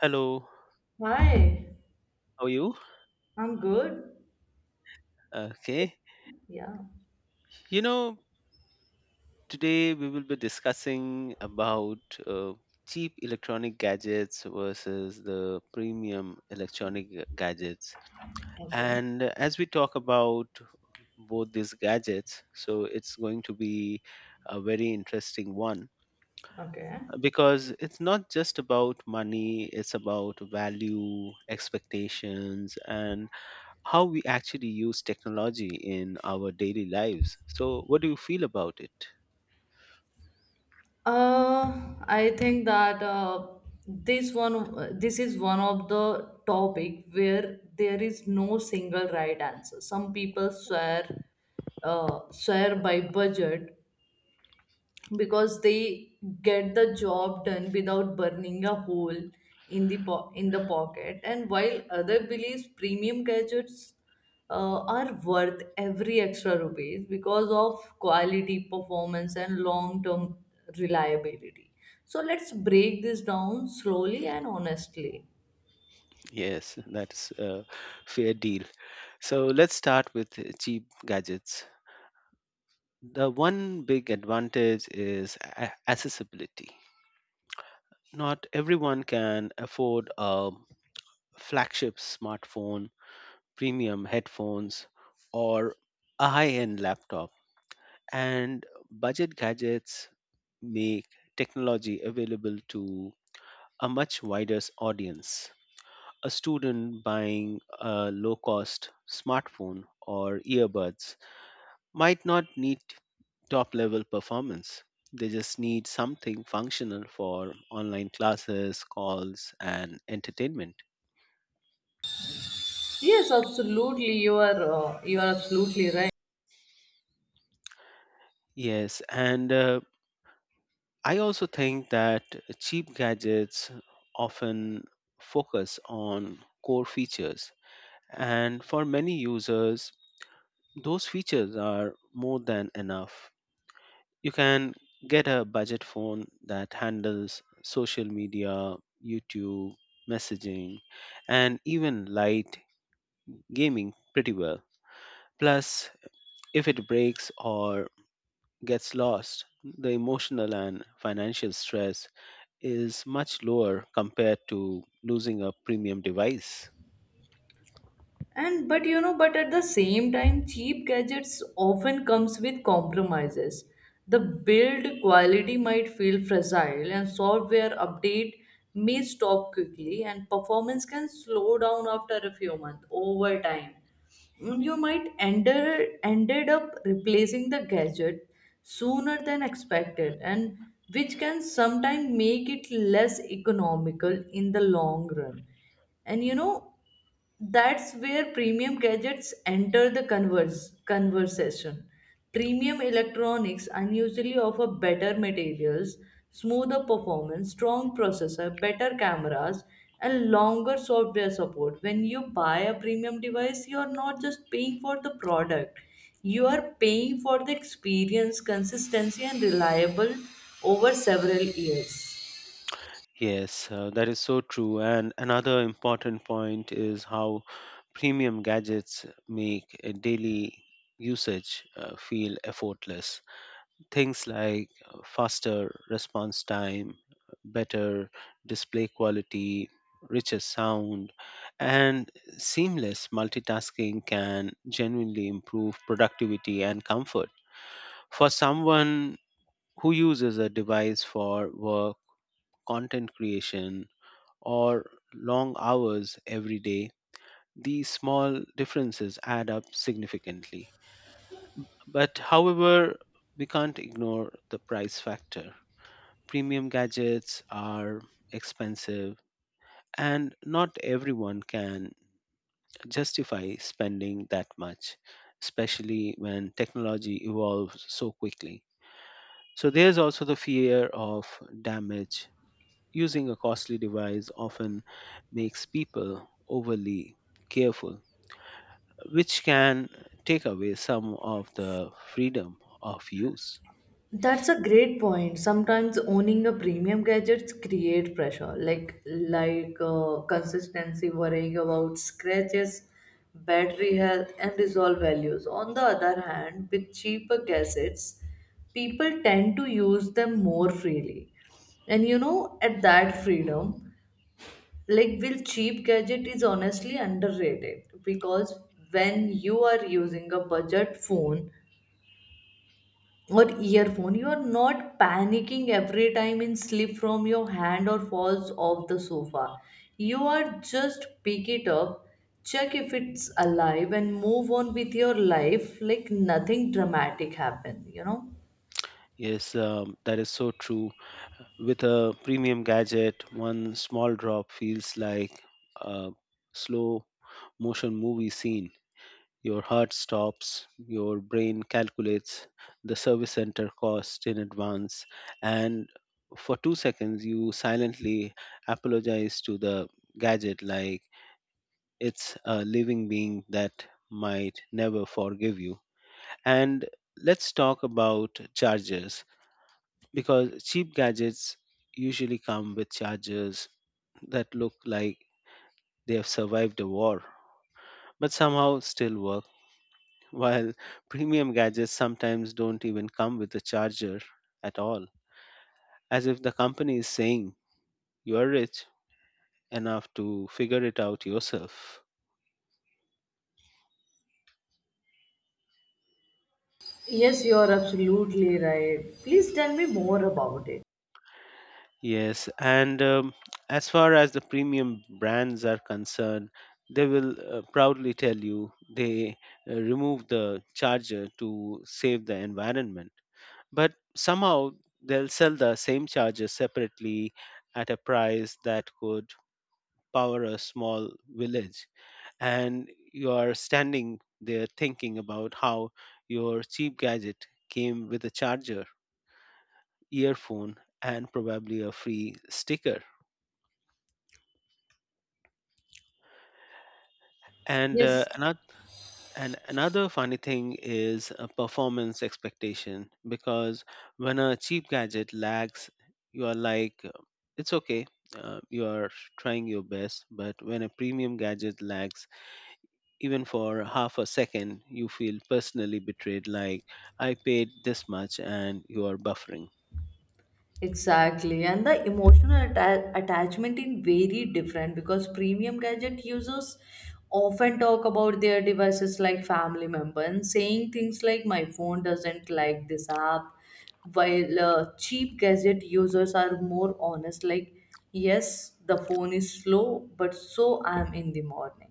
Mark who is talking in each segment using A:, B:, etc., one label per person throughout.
A: Hello,
B: Hi,
A: how are you?
B: I'm good.
A: Okay.
B: Yeah.
A: You know, today we will be discussing about uh, cheap electronic gadgets versus the premium electronic gadgets.
B: Okay.
A: And as we talk about both these gadgets, so it's going to be a very interesting one
B: Okay.
A: because it's not just about money, it's about value, expectations, and how we actually use technology in our daily lives. So, what do you feel about it?
B: I think that this is one of the topic where there is no single right answer. Some people swear by budget, because they get the job done without burning a hole in the pocket, and while other believes premium gadgets are worth every extra rupees because of quality performance and long term reliability. So let's break this down slowly and honestly.
A: Yes, that's a fair deal. So, let's start with cheap gadgets. The one big advantage is accessibility. Not everyone can afford a flagship smartphone, premium headphones, or a high end laptop. And budget gadgets make technology available to a much wider audience. A student buying a low cost smartphone or earbuds might not need top level performance. They just need something functional for online classes, calls, and entertainment.
B: Yes, absolutely, you are absolutely right.
A: Yes, and I also think that cheap gadgets often focus on core features. And for many users, those features are more than enough. You can get a budget phone that handles social media, YouTube, messaging, and even light gaming pretty well. Plus, if it breaks or gets lost, the emotional and financial stress is much lower compared to losing a premium device.
B: And but you know, but at the same time cheap gadgets often comes with compromises. The build quality might feel fragile and software update may stop quickly and performance can slow down after a few months over time. You might ended up replacing the gadget sooner than expected, and which can sometimes make it less economical in the long run. And you know, that's where premium gadgets enter the conversation. Premium electronics unusually offer better materials, smoother performance, strong processor, better cameras, and longer software support. When you buy a premium device, you are not just paying for the product, you are paying for the experience, consistency, and reliable over several years.
A: Yes, that is so true. And another important point is how premium gadgets make a daily usage feel effortless. Things like faster response time, better display quality, richer sound, and seamless multitasking can genuinely improve productivity and comfort. For someone who uses a device for work, content creation, or long hours every day, these small differences add up significantly. But however, we can't ignore the price factor. Premium gadgets are expensive, and not everyone can justify spending that much, especially when technology evolves so quickly. So, there's also the fear of damage. Using a costly device often makes people overly careful, which can take away some of the freedom of use.
B: That's a great point. Sometimes owning a premium gadgets create pressure, like consistency, worrying about scratches, battery health, and resolve values. On the other hand, with cheaper gadgets, people tend to use them more freely. And you know, at that freedom, like will cheap gadget is honestly underrated, because when you are using a budget phone or earphone you are not panicking every time it slip from your hand or falls off the sofa. You are just pick it up, check if it's alive and move on with your life like nothing dramatic happened, you know.
A: Yes, that is so true. With a premium gadget, one small drop feels like a slow motion movie scene. Your heart stops, your brain calculates the service center cost in advance, and for 2 seconds, you silently apologize to the gadget like it's a living being that might never forgive you. And let's talk about chargers because cheap gadgets usually come with chargers that look like they have survived a war but somehow still work, while premium gadgets sometimes don't even come with a charger at all, as if the company is saying you are rich enough to figure it out yourself.
B: Yes, you are absolutely right, please tell me more about it.
A: Yes, and as far as the premium brands are concerned, they will proudly tell you they remove the charger to save the environment. But somehow they'll sell the same charger separately at a price that could power a small village. And you are standing there thinking about how your cheap gadget came with a charger, earphone, and probably a free sticker. And uh,
B: Yes.
A: another and another funny thing is a performance expectation because when a cheap gadget lags, you are like, it's okay, you are trying your best. But when a premium gadget lags, even for half a second, you feel personally betrayed. Like, I paid this much and you are buffering.
B: Exactly, and the emotional attachment in very different, because premium gadget users often talk about their devices like family member and saying things like my phone doesn't like this app, while cheap gadget users are more honest like yes the phone is slow but so I'm in the morning.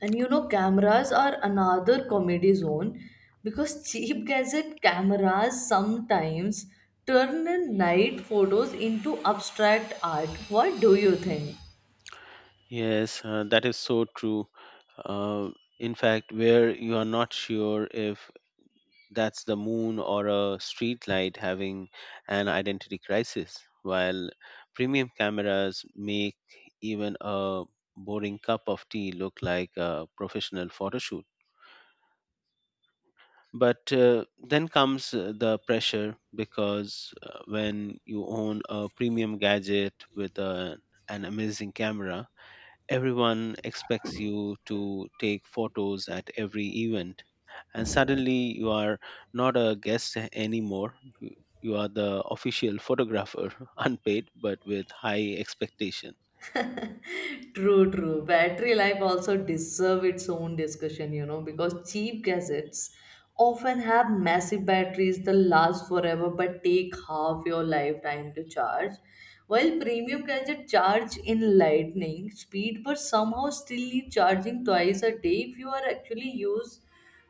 B: And you know, cameras are another comedy zone because cheap gadget cameras sometimes turn night photos into abstract art. What do you think?
A: Yes, that is so true. Uh, in fact, where you are not sure if that's the moon or a street light having an identity crisis, while premium cameras make even a boring cup of tea look like a professional photo shoot. But then comes the pressure because when you own a premium gadget with an amazing camera, everyone expects you to take photos at every event, and suddenly you are not a guest anymore. You are the official photographer, unpaid but with high expectation.
B: True, true. Battery life also deserve its own discussion, you know, because cheap gadgets often have massive batteries that last forever but take half your lifetime to charge. While premium gadgets charge in lightning speed but somehow still need charging twice a day if you are actually use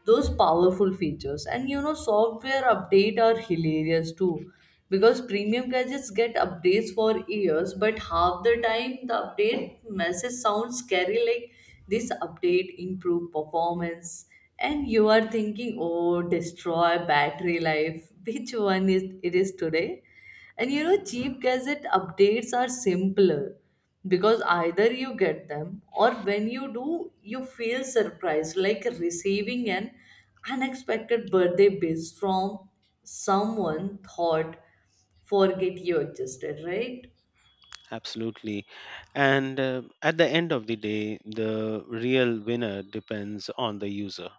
B: those powerful features. And you know, software update are hilarious too, because premium gadgets get updates for years but half the time the update message sounds scary like this update improve performance and you are thinking oh destroy battery life which one is it is today. And you know, cheap gadget updates are simpler because either you get them or when you do, you feel surprised like receiving an unexpected birthday wish from someone thought forget you existed, right?
A: Absolutely. And at the end of the day, the real winner depends on the user.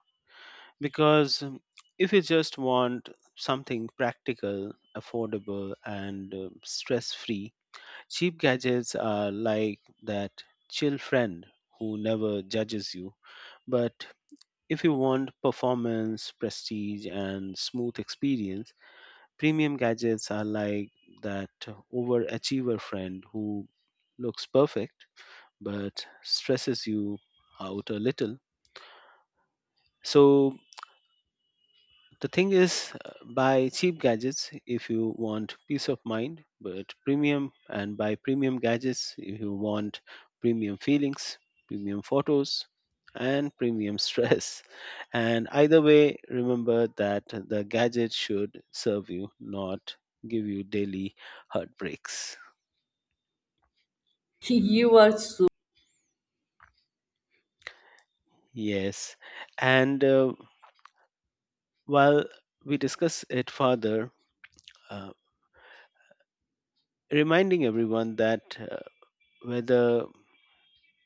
A: Because if you just want something practical, affordable, and stress free, cheap gadgets are like that chill friend who never judges you. But if you want performance, prestige, and smooth experience, premium gadgets are like that overachiever friend who looks perfect but stresses you out a little. So, the thing is, buy cheap gadgets if you want peace of mind, but premium, and buy premium gadgets if you want premium feelings, premium photos, and premium stress. And either way, remember that the gadget should serve you, not give you daily heartbreaks.
B: You are so.
A: Yes. And while we discuss it further, uh, reminding everyone that whether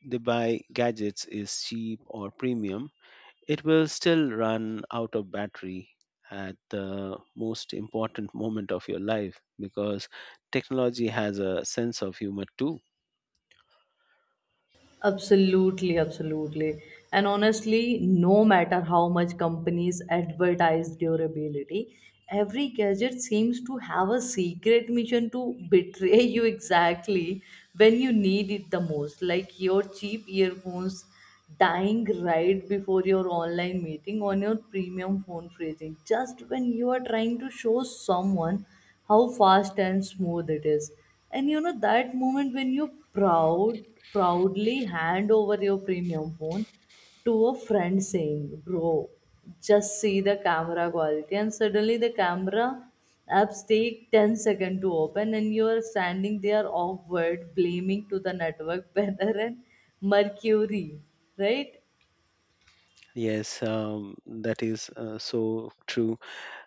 A: they buy gadgets is cheap or premium, it will still run out of battery at the most important moment of your life because technology has a sense of humor too.
B: Absolutely, absolutely. And honestly, no matter how much companies advertise durability, every gadget seems to have a secret mission to betray you exactly when you need it the most. Like your cheap earphones dying right before your online meeting on your premium phone phrasing, just when you are trying to show someone how fast and smooth it is. And you know that moment when you proud proudly hand over your premium phone to a friend saying bro just see the camera quality and suddenly the camera apps take 10 seconds to open and you are standing there awkward blaming to the network weather and mercury, right.
A: Yes, that is so true.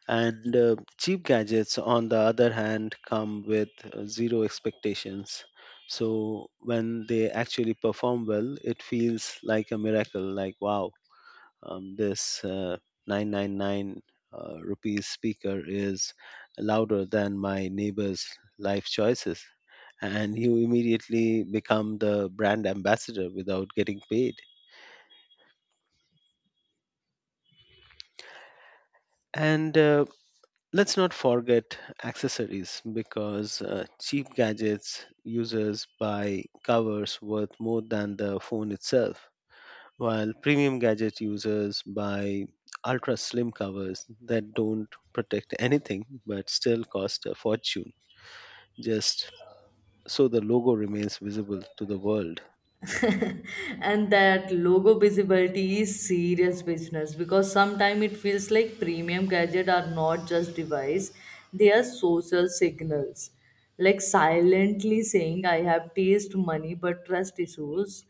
A: And cheap gadgets, on the other hand, come with zero expectations. So when they actually perform well, it feels like a miracle, like wow, this 999 rupees speaker is louder than my neighbor's life choices, and you immediately become the brand ambassador without getting paid. And let's not forget accessories because cheap gadgets users buy covers worth more than the phone itself, while premium gadget users buy ultra slim covers that don't protect anything but still cost a fortune, just so the logo remains visible to the world.
B: And that logo visibility is serious business because sometimes it feels like premium gadget are not just device, they are social signals, like silently saying I have taste money but trust issues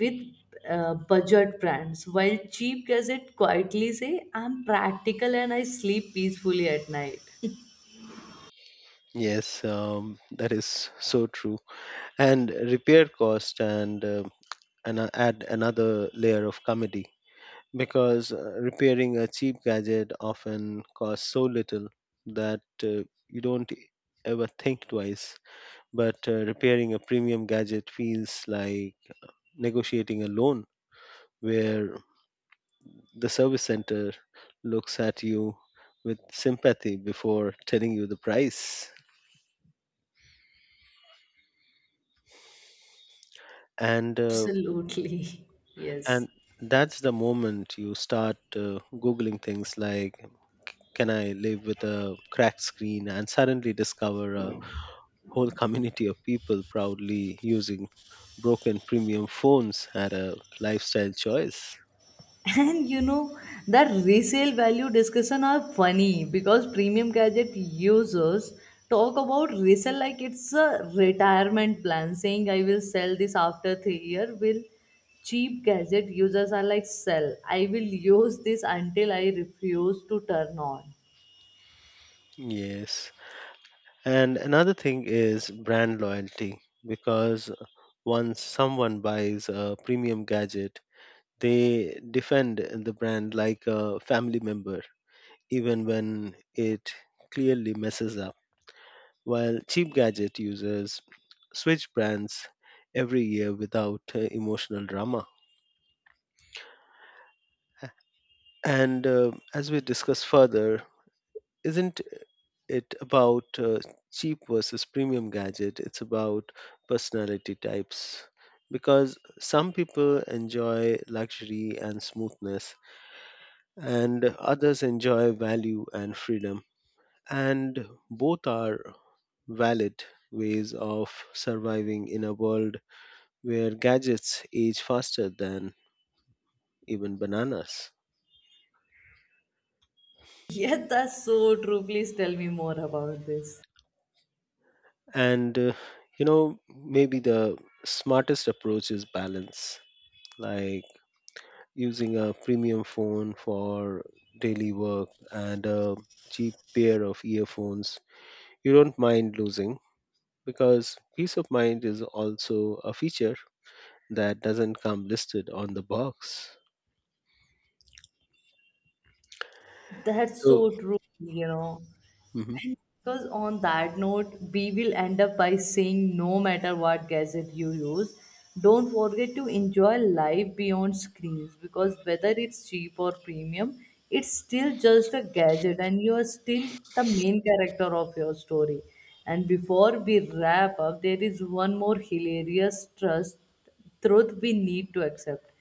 B: with budget brands, while cheap gadget quietly say I'm practical and I sleep peacefully at night.
A: Yes, that is so true. And repair cost and add another layer of comedy because repairing a cheap gadget often costs so little that you don't ever think twice, but repairing a premium gadget feels like negotiating a loan where the service center looks at you with sympathy before telling you the price. and uh,
B: Absolutely. Yes.
A: and that's the moment you start googling things like, can I live with a cracked screen, and suddenly discover a whole community of people proudly using broken premium phones at a lifestyle choice.
B: And you know, that resale value discussion are funny because premium gadget users talk about resale like it's a retirement plan, saying I will sell this after 3 years. Will cheap gadget users are like sell. I will use this until I refuse to turn on.
A: Yes. And another thing is brand loyalty because once someone buys a premium gadget, they defend the brand like a family member, even when it clearly messes up. While cheap gadget users switch brands every year without emotional drama. And as we discuss further, isn't it about cheap versus premium gadget, it's about personality types because some people enjoy luxury and smoothness and others enjoy value and freedom, and both are valid ways of surviving in a world where gadgets age faster than even bananas.
B: Yes, that's so true. Please tell me more about this.
A: And maybe the smartest approach is balance, like using a premium phone for daily work and a cheap pair of earphones you don't mind losing, because peace of mind is also a feature that doesn't come listed on the box.
B: That's
A: So,
B: so true, you know.
A: Mhm.
B: Because on that note, we will end up by saying no matter what gadget you use, don't forget to enjoy life beyond screens because whether it's cheap or premium, it's still just a gadget and you are still the main character of your story. And before we wrap up, there is one more hilarious trust truth we need to accept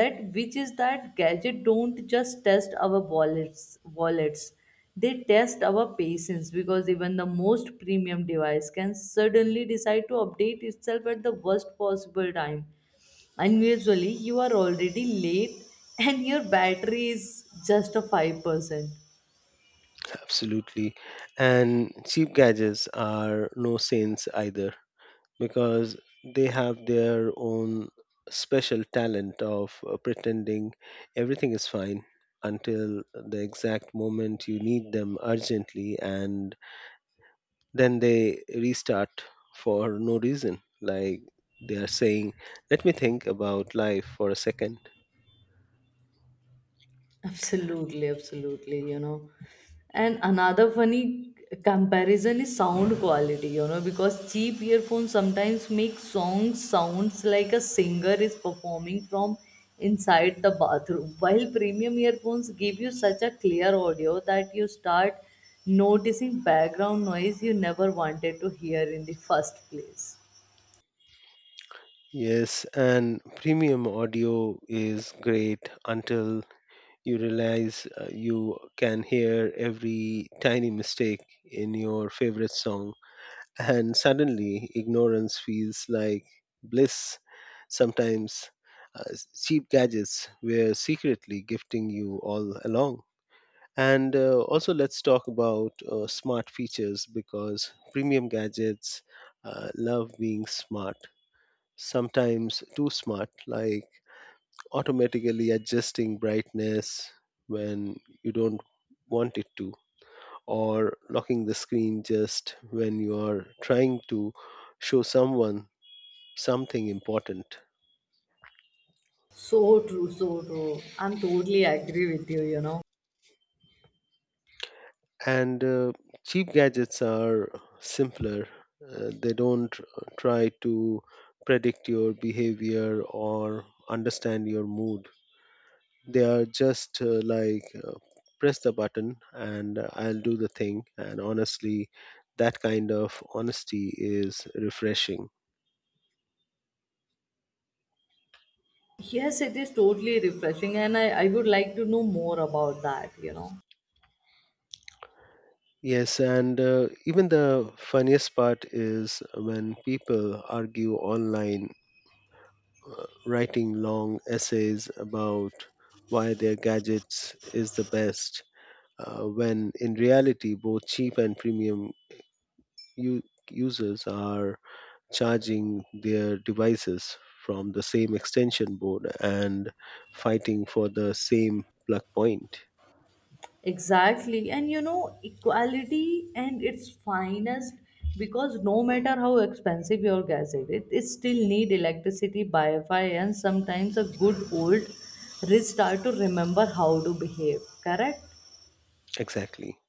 B: that, which is that gadget don't just test our wallets, they test our patience because even the most premium device can suddenly decide to update itself at the worst possible time, and usually you are already late and your battery is just a 5%.
A: Absolutely. And cheap gadgets are no saints either, because they have their own special talent of pretending everything is fine until the exact moment you need them urgently, and then they restart for no reason, like they are saying, let me think about life for a second.
B: Absolutely, absolutely, you know. And another funny comparison is sound quality, you know, because cheap earphones sometimes make songs sounds like a singer is performing from inside the bathroom, while premium earphones give you such a clear audio that you start noticing background noise you never wanted to hear in the first place.
A: Yes, and premium audio is great until you realize you can hear every tiny mistake in your favorite song, and suddenly ignorance feels like bliss. Sometimes cheap gadgets were secretly gifting you all along. And also, let's talk about smart features because premium gadgets love being smart, sometimes too smart, like automatically adjusting brightness when you don't want it to, or locking the screen just when you are trying to show someone something important.
B: So true, so true. I'm totally agree with you, you know.
A: And cheap gadgets are simpler. They don't try to predict your behavior or understand your mood. They are just like, press the button and I'll do the thing. And honestly, that kind of honesty is refreshing.
B: Yes, it is totally refreshing, and I would like to know more about that, you know.
A: Yes, and even the funniest part is when people argue online, writing long essays about why their gadgets is the best, when in reality, both cheap and premium u- users are charging their devices from the same extension board and fighting for the same plug point.
B: Exactly. And you know, equality and its finest because no matter how expensive your gas is, it still need electricity, Wi-Fi, and sometimes a good old restart to remember how to behave. Correct?
A: Exactly.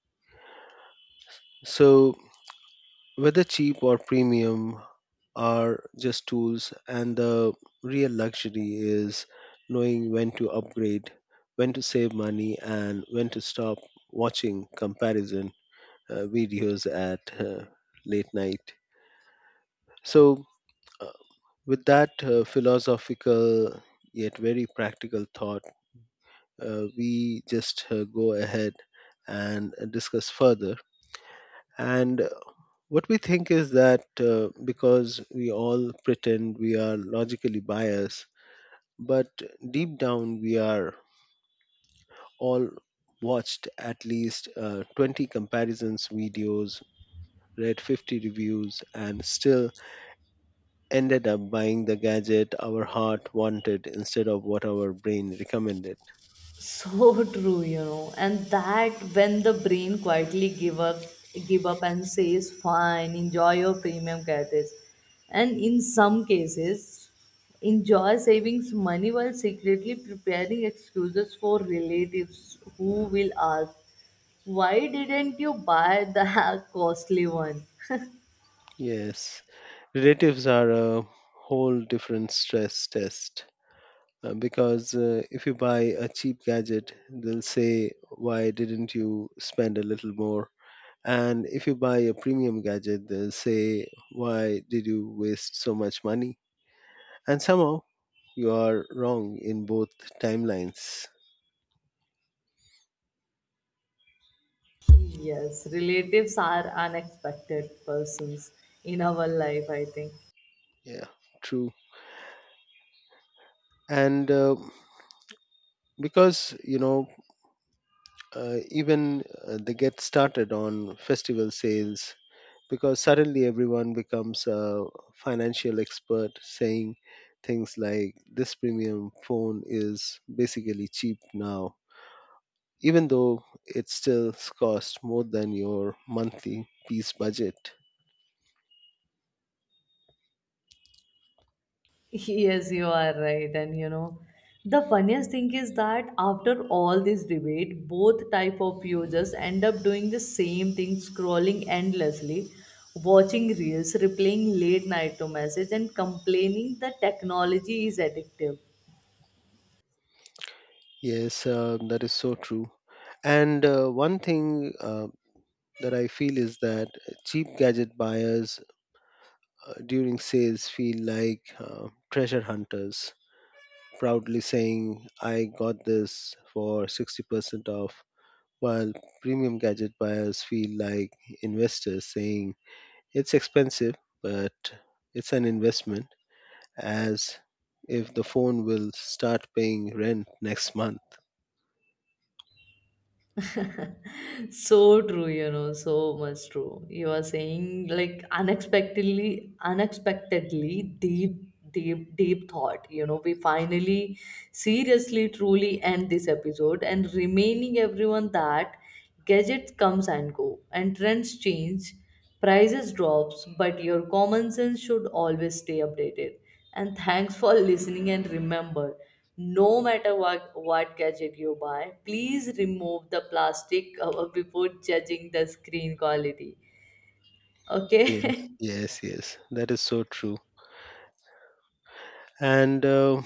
A: So, whether cheap or premium are just tools, and the real luxury is knowing when to upgrade, when to save money, and when to stop watching comparison videos at late night. So, uh, with that philosophical yet very practical thought, we just go ahead and discuss further. And what we think is that because we all pretend we are logically biased, but deep down we are all watched at least 20 comparisons videos, read 50 reviews, and still ended up buying the gadget our heart wanted instead of what our brain recommended.
B: So true, you know. And that when the brain quietly give up and says fine enjoy your premium credits, and in some cases enjoy savings money while secretly preparing excuses for relatives who will ask why didn't you buy the costly one.
A: Yes, relatives are a whole different stress test. Because if you buy a cheap gadget, they'll say, why didn't you spend a little more? And if you buy a premium gadget, they'll say, why did you waste so much money? And somehow you are wrong in both timelines.
B: Yes, relatives are unexpected persons in our life, I think.
A: Yeah, true. And Because, you know, even they get started on festival sales because suddenly everyone becomes a financial expert saying things like this premium phone is basically cheap now, even though it still costs more than your monthly piece budget.
B: Yes, you are right. And you know, the funniest thing is that after all this debate, both type of users end up doing the same thing, scrolling endlessly, watching reels, replying late night to message, and complaining that technology is addictive.
A: Yes, that is so true. And one thing That I feel is that cheap gadget buyers, during sales, feel like treasure hunters proudly saying I got this for 60% off, while premium gadget buyers feel like investors saying it's expensive, but it's an investment, as if the phone will start paying rent next month.
B: So true, you know, so much true you are saying like unexpectedly deep thought, you know. We finally seriously truly end this episode and remaining everyone that gadgets comes and go and trends change. Prices drops, but your common sense should always stay updated. And thanks for listening and remember, no matter what gadget you buy, please remove the plastic cover before judging the screen quality.
A: Yes,
B: Okay?
A: yes, yes. That is so true. And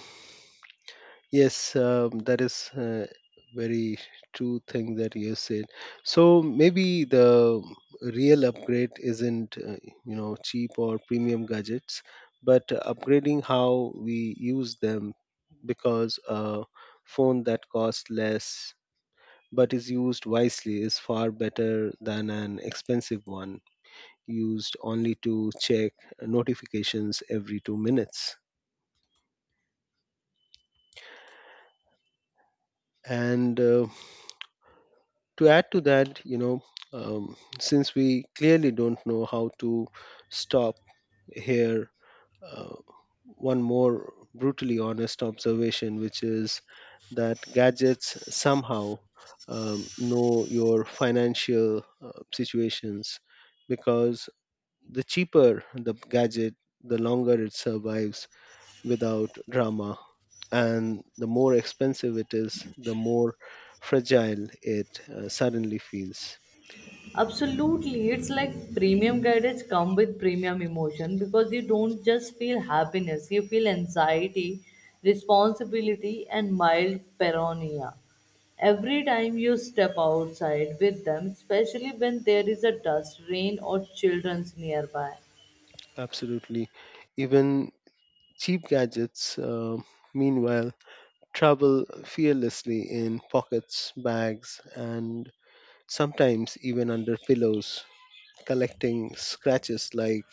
A: Yes, that is Very true thing that you said. So maybe the real upgrade isn't, you know, cheap or premium gadgets, but upgrading how we use them, because a phone that costs less but is used wisely is far better than an expensive one used only to check notifications every 2 minutes. And To add to that, since we clearly don't know how to stop here, uh, one more brutally honest observation, which is that gadgets somehow know your financial situations, because the cheaper the gadget, the longer it survives without drama. And the more expensive it is, the more fragile it suddenly feels.
B: Absolutely, it's like premium gadgets come with premium emotion because you don't just feel happiness, you feel anxiety, responsibility, and mild paranoia. Every time you step outside with them, especially when there is a dust, rain, or children's nearby.
A: Absolutely. Even cheap gadgets, meanwhile, travel fearlessly in pockets, bags, and sometimes even under pillows, collecting scratches like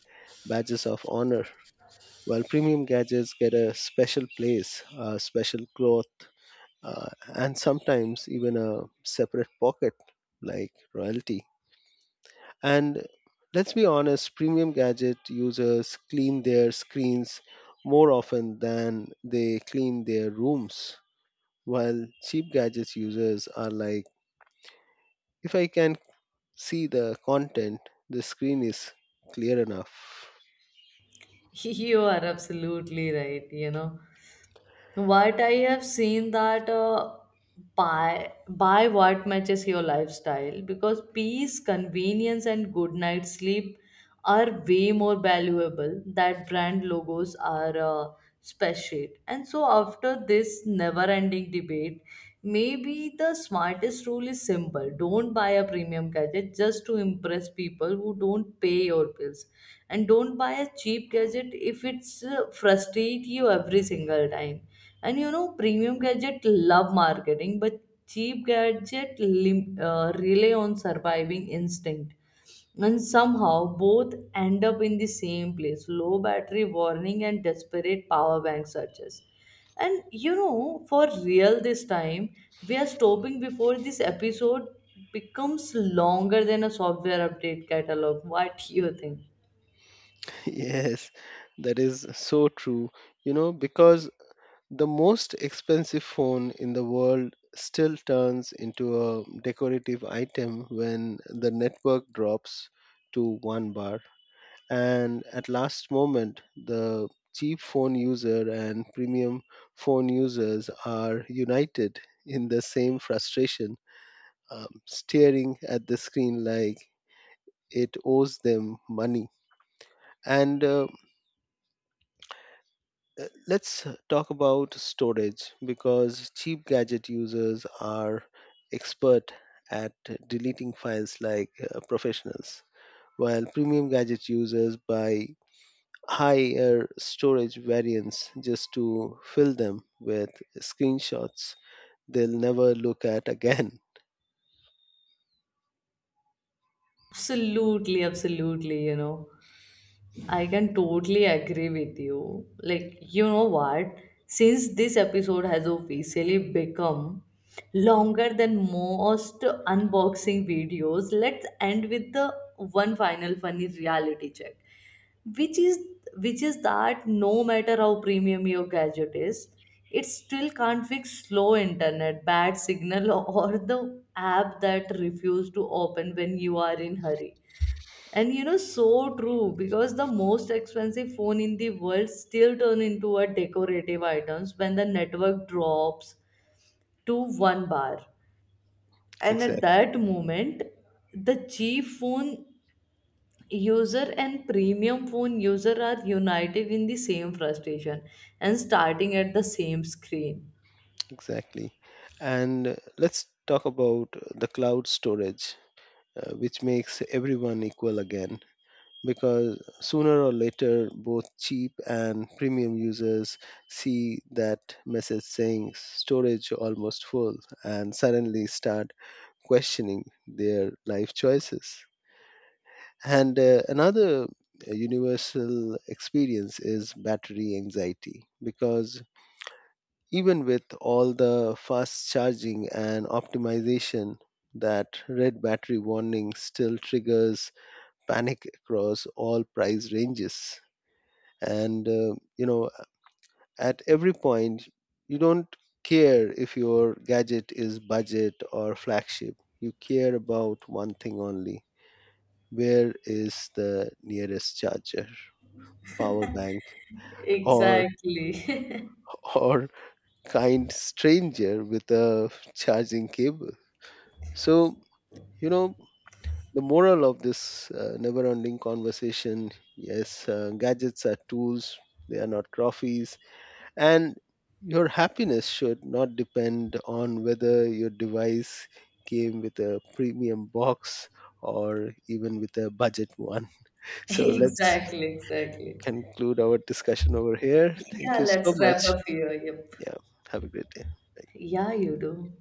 A: badges of honor. While premium gadgets get a special place, a special cloth, and sometimes even a separate pocket like royalty. And let's be honest, premium gadget users clean their screens more often than they clean their rooms, while cheap gadgets users are like, if I can see the content, the screen is clear enough.
B: You are absolutely right, you know. What I have seen that buy what matches your lifestyle because peace, convenience, and good night sleep are way more valuable that brand logos are spreadsheet. And so after this never-ending debate, maybe the smartest rule is simple don't buy a premium gadget just to impress people who don't pay your bills. And don't buy a cheap gadget if it's frustrate you every single time. And you know, premium gadget love marketing, but cheap gadget rely on surviving instinct and somehow both end up in the same place low battery warning and desperate power bank searches. And you know for real this time we are stopping before this episode becomes longer than a software update catalog, what do you think?
A: Yes, that is so true. You know, because the most expensive phone in the world still turns into a decorative item when the network drops to one bar, and at last moment the cheap phone user and premium phone users are united in the same frustration, staring at the screen like it owes them money. And Let's talk about storage, because cheap gadget users are expert at deleting files like professionals, while premium gadget users buy high air storage variants just to fill them with screenshots they'll never look at again.
B: Absolutely, absolutely, you know. I can totally agree with you. Like, you know what? Since this episode has officially become longer than most unboxing videos, let's end with the one final funny reality check. Which is which is that no matter how premium your gadget is, it still can't fix slow internet, bad signal, or the app that refuses to open when you are in hurry. And you know, so true because the most expensive phone in the world still turn into a decorative items when the network drops to one bar. And at
A: Exactly.
B: that moment, the cheap phone user and premium phone user are united in the same frustration and starting at the same screen.
A: Exactly. And Let's talk about the cloud storage, which makes everyone equal again. Because sooner or later, both cheap and premium users see that message saying storage almost full, and suddenly start questioning their life choices. And another universal experience is battery anxiety, because even with all the fast charging and optimization, that red battery warning still triggers panic across all price ranges. And you know, at every point, you don't care if your gadget is budget or flagship, you care about one thing only: where is the nearest charger? Power bank, or
B: Exactly.
A: or kind stranger with a charging cable. So you know, the moral of this never ending conversation: yes, gadgets are tools, they are not trophies, and your happiness should not depend on whether your device came with a premium box or even with a budget one. So let's
B: Exactly, exactly.
A: conclude our discussion over here. Thank
B: Yeah,
A: you so
B: let's wrap
A: much.
B: up here. Yep.
A: Yeah. Have a great day. Bye.
B: Yeah, you do.